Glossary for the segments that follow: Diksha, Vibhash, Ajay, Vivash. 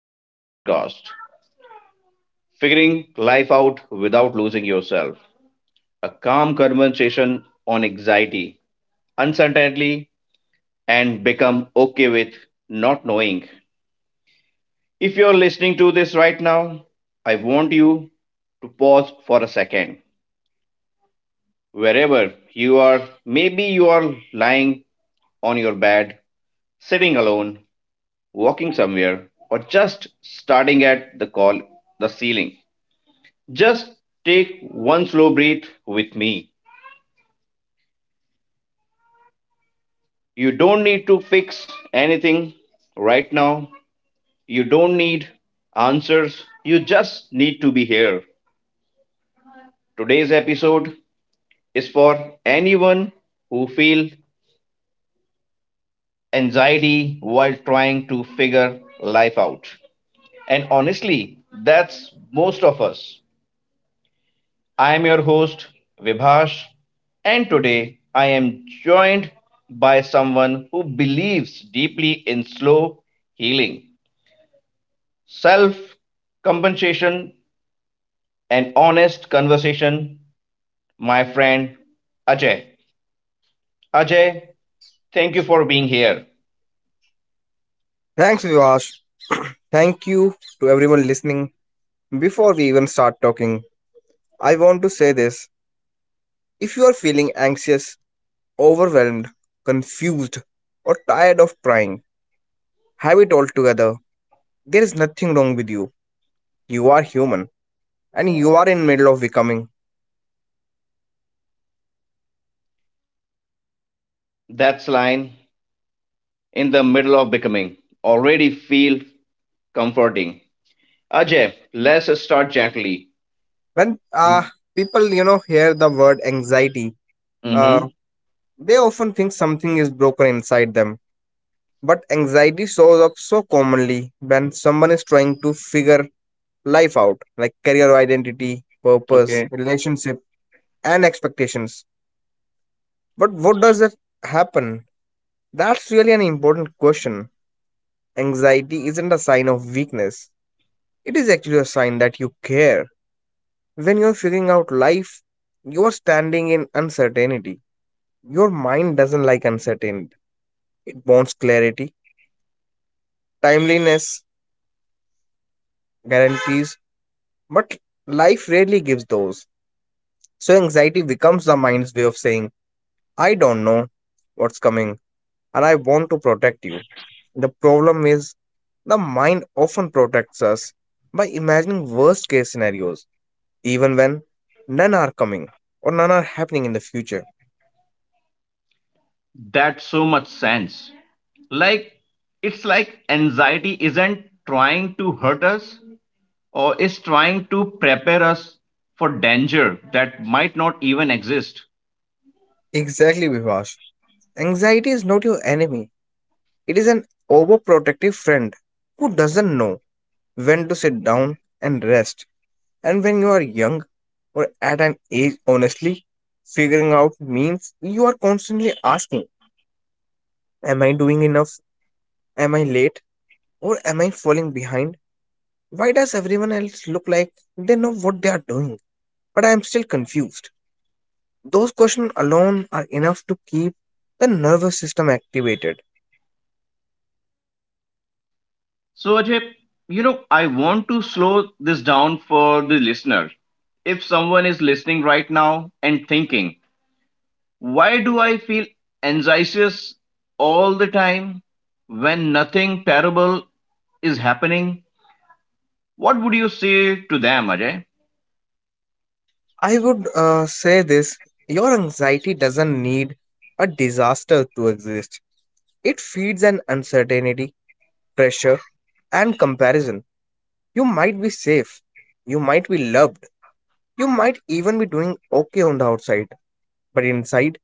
today's podcast Figuring Life Out Without Losing Yourself. A calm conversation on anxiety, uncertainty, and become okay with not knowing. If you're listening to this right now, I want you to pause for a second. Wherever you are, maybe you are lying on your bed, sitting alone, walking somewhere, or just starting at the call the ceiling. Just take one slow breath with me. You don't need to fix anything right now. You don't need answers. You just need to be here. Today's episode is for anyone who feels anxiety while trying to figure life out. And honestly, that's most of us. I am your host, Vibhash, and today I am joined by someone who believes deeply in slow healing, self compensation, and honest conversation, my friend Ajay. Ajay, thank you for being here. Thanks, Vivash. Thank you to everyone listening. Before we even start talking, I want to say this. If you are feeling anxious, overwhelmed, confused, or tired of trying, have it all together. There is nothing wrong with you. You are human and you are in middle of becoming. That's line in the middle of becoming already feel comforting. Ajay, let's start gently. When You- People, you know, hear the word anxiety, uh, Mm-hmm. they often think something is broken inside them. But anxiety shows up so commonly when someone is trying to figure life out, like career identity, purpose, relationship, and expectations. But what does it happen? That's really an important question. Anxiety isn't a sign of weakness, it is actually a sign that you care. When you're figuring out life, you're standing in uncertainty. Your mind doesn't like uncertainty, it wants clarity, timeliness, guarantees, but life rarely gives those. So anxiety becomes the mind's way of saying, I don't know what's coming, and I want to protect you. The problem is, the mind often protects us by imagining worst case scenarios, even when none are coming or none are happening in the future. That so much sense. Like it's like anxiety isn't trying to hurt us or is trying to prepare us for danger that might not even exist. Exactly, Vivash. Anxiety is not your enemy, it is an overprotective friend who doesn't know when to sit down and rest. And when you are young or at an age, honestly, figuring out means you are constantly asking, am I doing enough? Am I late? Or am I falling behind? Why does everyone else look like they know what they are doing? But I am still confused. Those questions alone are enough to keep the nervous system activated. So Ajay, I want to slow this down for the listener. If someone is listening right now and thinking, why do I feel anxious all the time when nothing terrible is happening? What would you say to them, Ajay? I would say this, your anxiety doesn't need a disaster to exist, it feeds an uncertainty, pressure, and comparison. You might be safe, you might be loved, you might even be doing okay on the outside, but inside,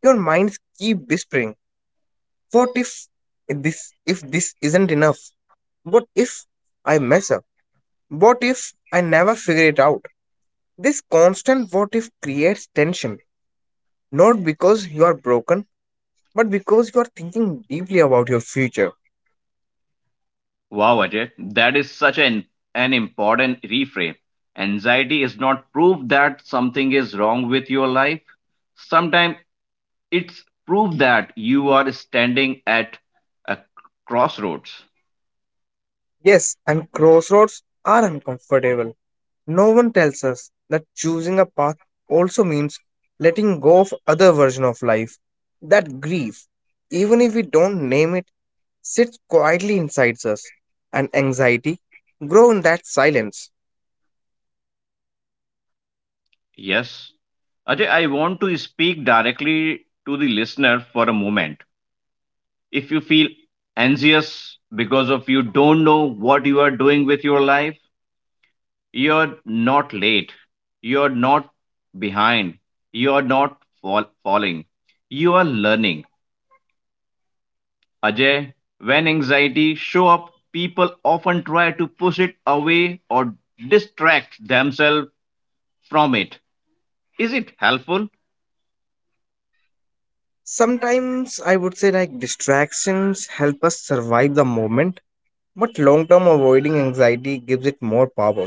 your minds keep whispering. What if this isn't enough? What if I mess up? What if I never figure it out? This constant what if creates tension, not because you are broken, but because you are thinking deeply about your future. Wow, Ajay, that is an important reframe. Anxiety is not proof that something is wrong with your life. Sometimes it's proof that you are standing at a crossroads. Yes, and crossroads are uncomfortable. No one tells us that choosing a path also means letting go of other version of life. That grief, even if we don't name it, sits quietly inside us and anxiety grow in that silence. Yes. Ajay, I want to speak directly to the listener for a moment. If you feel anxious because of you don't know what you are doing with your life, you're not late. You're not behind. You're not fall- falling. You are learning. Ajay, when anxiety show up, people often try to push it away or distract themselves from it. Is it helpful? Sometimes I would say like distractions help us survive the moment, but long term avoiding anxiety gives it more power.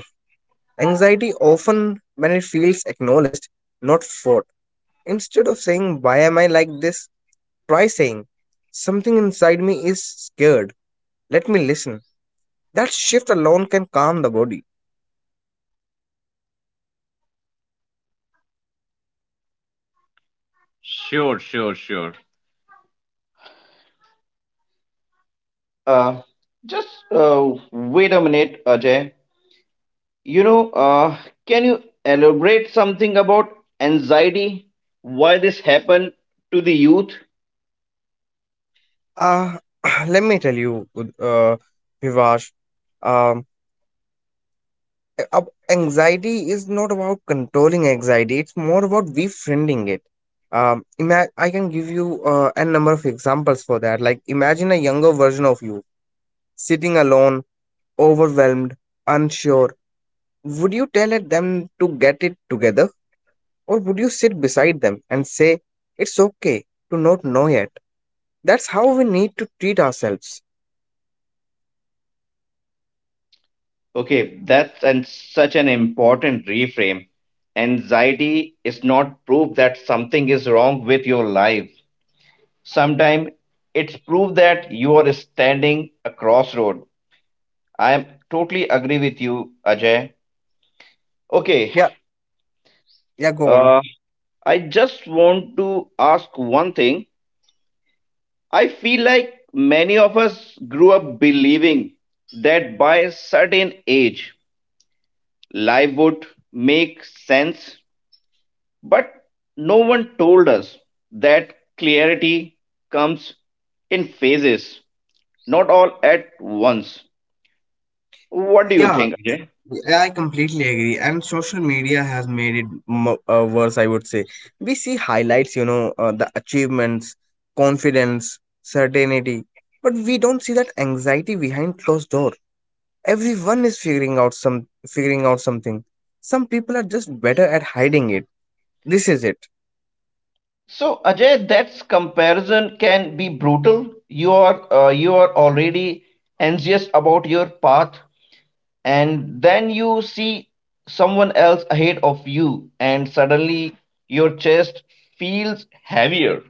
Anxiety often when it feels acknowledged, not fought. Instead of saying why am I like this, try saying something inside me is scared, let me listen. That shift alone can calm the body. Sure, sure, sure. Uh, just uh, wait a minute, Ajay. You know, uh, can you elaborate something about anxiety? Why this happened to the youth? Uh, let me tell you, uh, Vivash, um, anxiety is not about controlling anxiety, it's more about befriending it. I can give you a number of examples for that. Like, imagine a younger version of you sitting alone, overwhelmed, unsure. Would you tell it them to get it together, or would you sit beside them and say, it's okay to not know yet? That's how we need to treat ourselves. Okay, that's and such an important reframe. Anxiety is not proof that something is wrong with your life. Sometimes it's proof that you are standing a crossroad. I am totally agree with you, Ajay. Okay, Yeah, yeah, go on. uh, I just want to ask one thing. I feel like many of us grew up believing that by a certain age, life would make sense. But no one told us that clarity comes in phases, not all at once. What do you Yeah. think, Ajay? Yeah, I completely agree. And social media has made it mo worse, I would say. We see highlights, you know, the achievements, confidence, certainty, but we don't see that anxiety behind closed door. Everyone is figuring out something. Some people are just better at hiding it. This is it. So Ajay, that's comparison can be brutal. You are already anxious about your path, and then you see someone else ahead of you, and suddenly your chest feels heavier.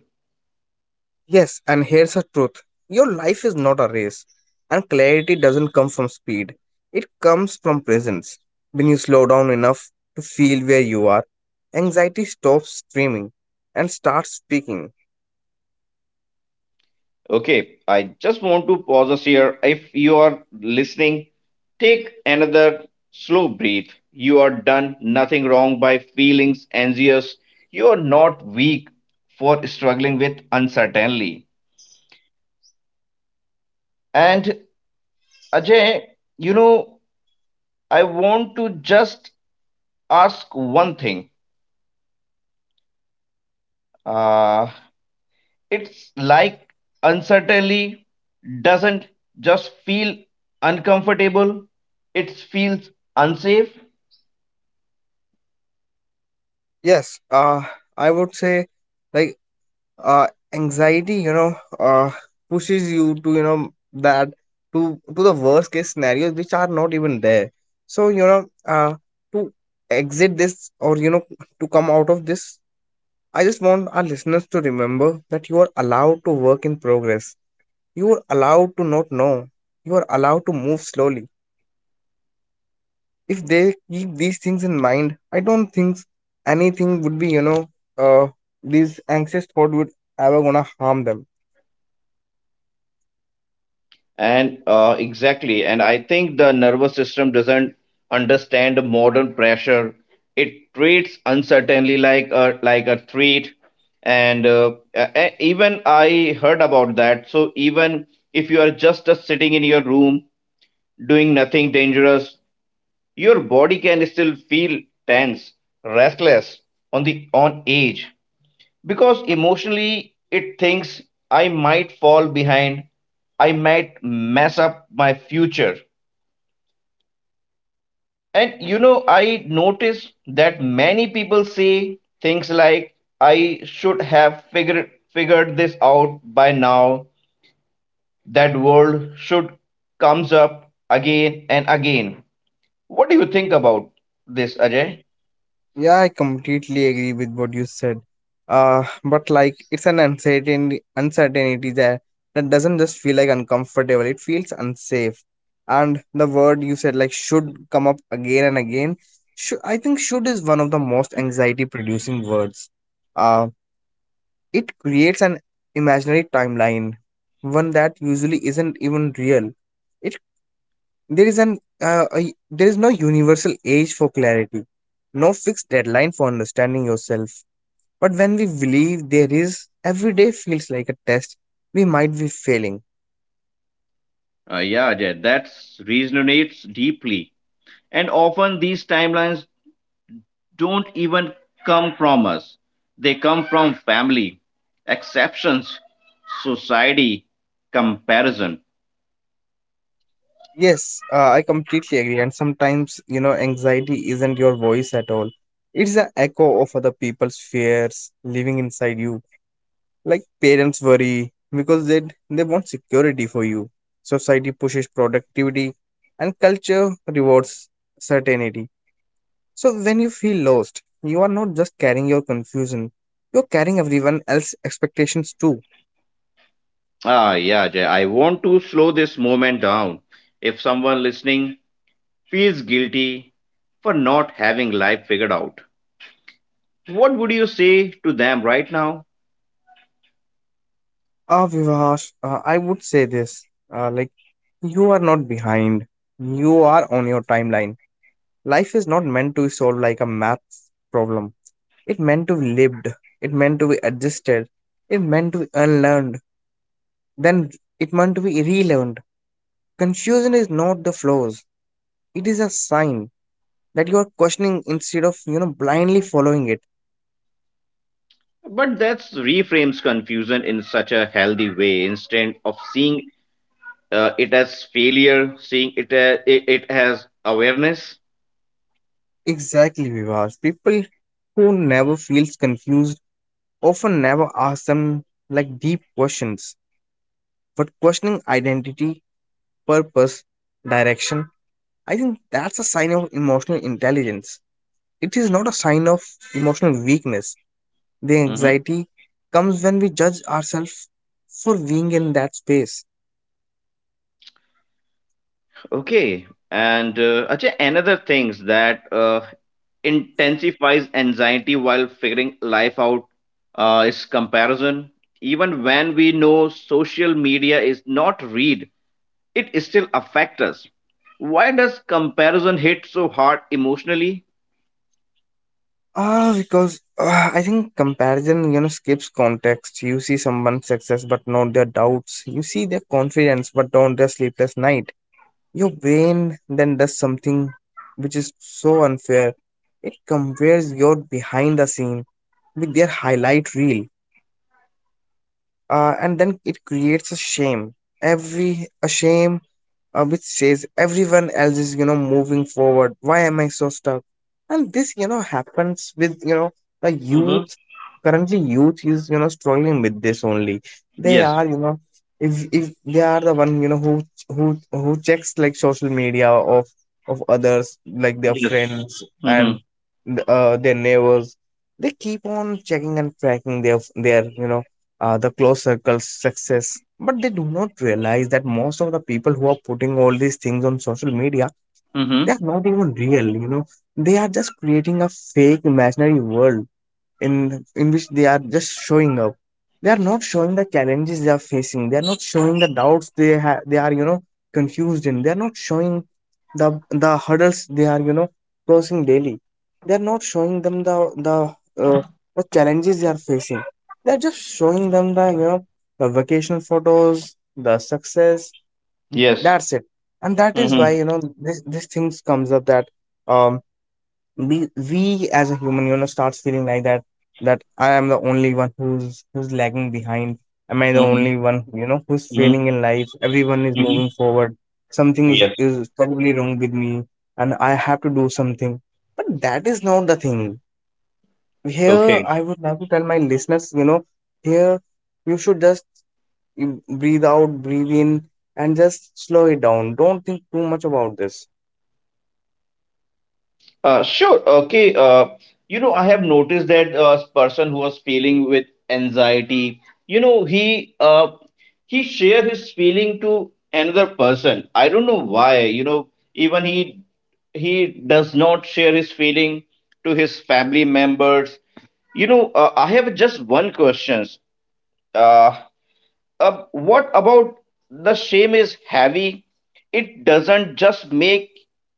Yes, and here's the truth, your life is not a race, and clarity doesn't come from speed, it comes from presence. When you slow down enough to feel where you are, anxiety stops screaming and starts speaking. Okay, I just want to pause us here. If you are listening, take another slow breath. You are done nothing wrong by feelings anxious. You are not weak for struggling with uncertainty. And Ajay, you know, I want to just ask one thing. Uh, it's like uncertainty doesn't just feel uncomfortable, it feels unsafe. Yes, I would say like uh, anxiety, you know, uh, pushes you to, you know, that to the worst case scenarios which are not even there. So, you know, to exit this or, you know, to come out of this, I just want our listeners to remember that you are allowed to work in progress. You are allowed to not know. You are allowed to move slowly. If they keep these things in mind, I don't think anything would be, you know, uh, these anxious thought would ever gonna harm them. And exactly. And I think the nervous system doesn't understand the modern pressure. It treats uncertainty like a threat. And even I heard about that. So even if you are just sitting in your room doing nothing dangerous, your body can still feel tense, restless, on the on edge because emotionally it thinks I might fall behind, I might mess up my future. And you know, I notice that many people say things like I should have figured this out by now. That world should comes up again and again. What do you think about this, Ajay? Yeah, I completely agree with what you said. But like it's an uncertainty there that doesn't just feel like uncomfortable, it feels unsafe. And the word you said like should come up again and again. Should, I think should is one of the most anxiety producing words. Uh, it creates an imaginary timeline, one that usually isn't even real. It. There is there is no universal age for clarity, no fixed deadline for understanding yourself. But when we believe there is, every day feels like a test. We might be failing. Yeah, Ajay, that resonates deeply. And often these timelines don't even come from us. They come from family, exceptions, society, comparison. Yes, I completely agree. And sometimes, you know, anxiety isn't your voice at all. It's the echo of other people's fears living inside you. Like parents worry because they want security for you. Society pushes productivity, and culture rewards certainty. So when you feel lost, you are not just carrying your confusion, you're carrying everyone else's expectations too. Ah, yeah, Jay, I want to slow this moment down. If someone listening feels guilty for not having life figured out, what would you say to them right now? Ah, Vivash, I would say this, uh, like, you are not behind, you are on your timeline. Life is not meant to be solved like a math problem, it meant to be lived, it meant to be adjusted, it meant to be unlearned, then it meant to be relearned. Confusion is not the flaws, it is a sign that you are questioning instead of you know blindly following it. But that reframes confusion in such a healthy way instead of seeing it as failure, seeing it as awareness. Exactly, Vivas. People who never feels confused often never ask them like deep questions. But questioning identity, purpose, direction, I think that's a sign of emotional intelligence. It is not a sign of emotional weakness. The Mm-hmm. anxiety comes when we judge ourselves for being in that space. Okay, and Ajay, another things that intensifies anxiety while figuring life out is comparison. Even when we know social media is not read, it still affects us. Why does comparison hit so hard emotionally? Ah, because I think comparison, you know, skips context. You see someone's success, but not their doubts. You see their confidence, but not their sleepless night. Your brain then does something which is so unfair. It compares your behind the scene with their highlight reel, and then it creates a shame, every a shame which says everyone else is you know moving forward, why am I so stuck? And this you know happens with you know the Mm-hmm. youth. Currently youth is you know struggling with this only, they Yes. are you know, if they are the one you know who checks like social media of others like their Yes. friends Mm-hmm. and their neighbors, they keep on checking and tracking their you know the close circles, success. But they do not realize that most of the people who are putting all these things on social media, they Mm-hmm. are not even real. You know, they are just creating a fake imaginary world in which they are just showing up. They are not showing the challenges they are facing. They are not showing the doubts they are you know confused in. They are not showing the the hurdles they are you know crossing daily. They're not showing them the uh, the challenges they are facing. They're just showing them the you know the vacation photos, the success, Yes. that's it. And that is why Mm-hmm. you know these things comes up that um we as a human you know starts feeling like that, that I am the only one who's lagging behind, am I the Mm-hmm. only one you know who's failing in life, everyone is Mm-hmm. moving forward, something Yes. is probably wrong with me, and I have to do something. But that is not the thing. Here Okay. I would like to tell my listeners you know, here you should just, you breathe out, breathe in, and just slow it down, don't think too much about this. Sure. Okay. You know, I have noticed that person who was feeling with anxiety, you know, he share his feeling to another person. I don't know why. You know, even he does not share his feeling to his family members. You know, I have just one question. Uh, what about the shame is heavy? It doesn't just make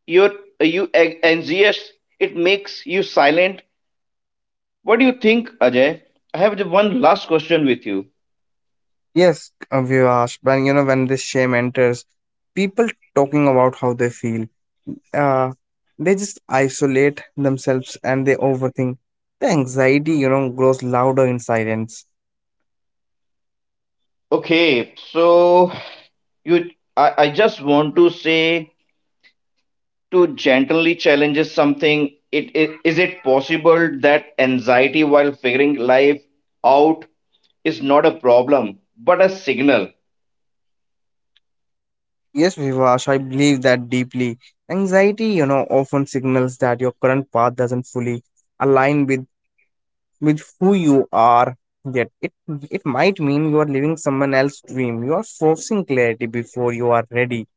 your you anxious. It makes you silent. What do you think, Ajay? I have the one last question with you. Yes, Vivash, when you know when this shame enters, people talking about how they feel, uh, they just isolate themselves and they overthink. The anxiety, you know, grows louder in silence. Okay, so I just want to say to gently challenges something. It is it possible that anxiety while figuring life out is not a problem but a signal? Yes, Vivash, I believe that deeply. Anxiety, you know, often signals that your current path doesn't fully align with who you are yet. It might mean you are living someone else's dream. You are forcing clarity before you are ready.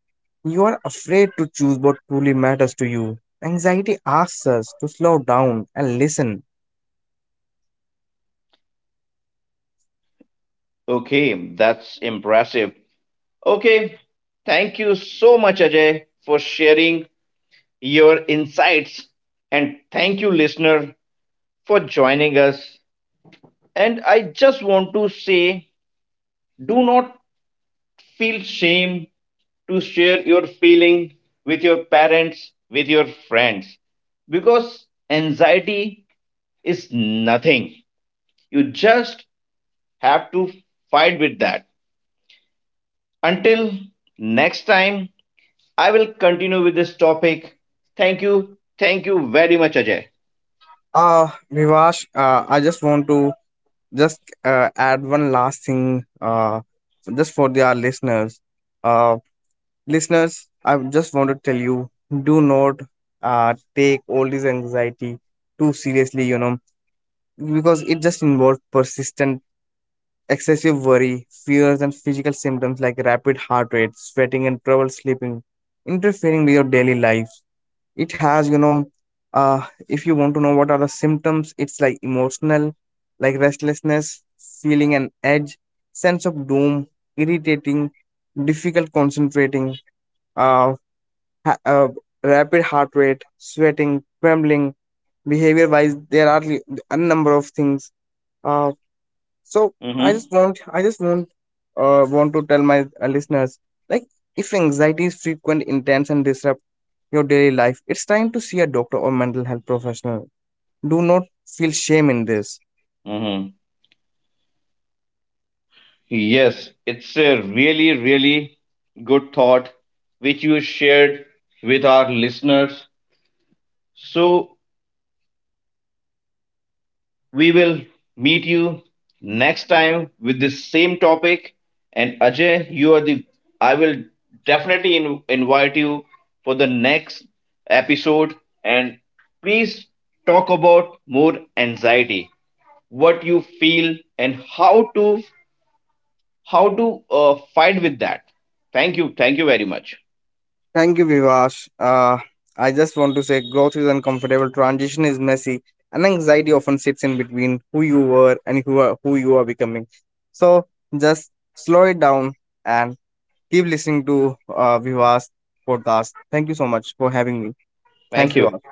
You are afraid to choose what truly matters to you. Anxiety asks us to slow down and listen. Okay, that's impressive. Okay, thank you so much, Ajay, for sharing your insights. And thank you, listener, for joining us. And I just want to say do not feel shame to share your feeling with your parents, with your friends, because anxiety is nothing. You just have to fight with that. Until next time, I will continue with this topic. Thank you. Thank you very much, Ajay. Vivash, I just want to just add one last thing, just for our listeners. Uh, listeners, I just want to tell you, do not take all this anxiety too seriously, you know, because it just involves persistent excessive worry, fears, and physical symptoms like rapid heart rate, sweating, and trouble sleeping interfering with your daily life. It has, you know, if you want to know what are the symptoms, it's like emotional, like restlessness, feeling an edge, sense of doom, irritating, difficult concentrating, uh, ha- uh, rapid heart rate, sweating, trembling, behavior wise there are a number of things, uh, so Mm-hmm. I just want to tell my listeners, like if anxiety is frequent, intense, and disrupt your daily life, it's time to see a doctor or mental health professional. Do not feel shame in this. Mm-hmm. Yes, it's a really, really good thought which you shared with our listeners. So we will meet you next time with the same topic. And Ajay, you are the I will definitely invite you for the next episode. And please talk about more anxiety, what you feel, and how to how to fight with that. Thank you. Thank you very much. Thank you, Vivash. I just want to say growth is uncomfortable, transition is messy, and anxiety often sits in between who you were and who you are becoming. So just slow it down and keep listening to Vivash podcast. Thank you so much for having me. Thanks, Thank Vivek. you.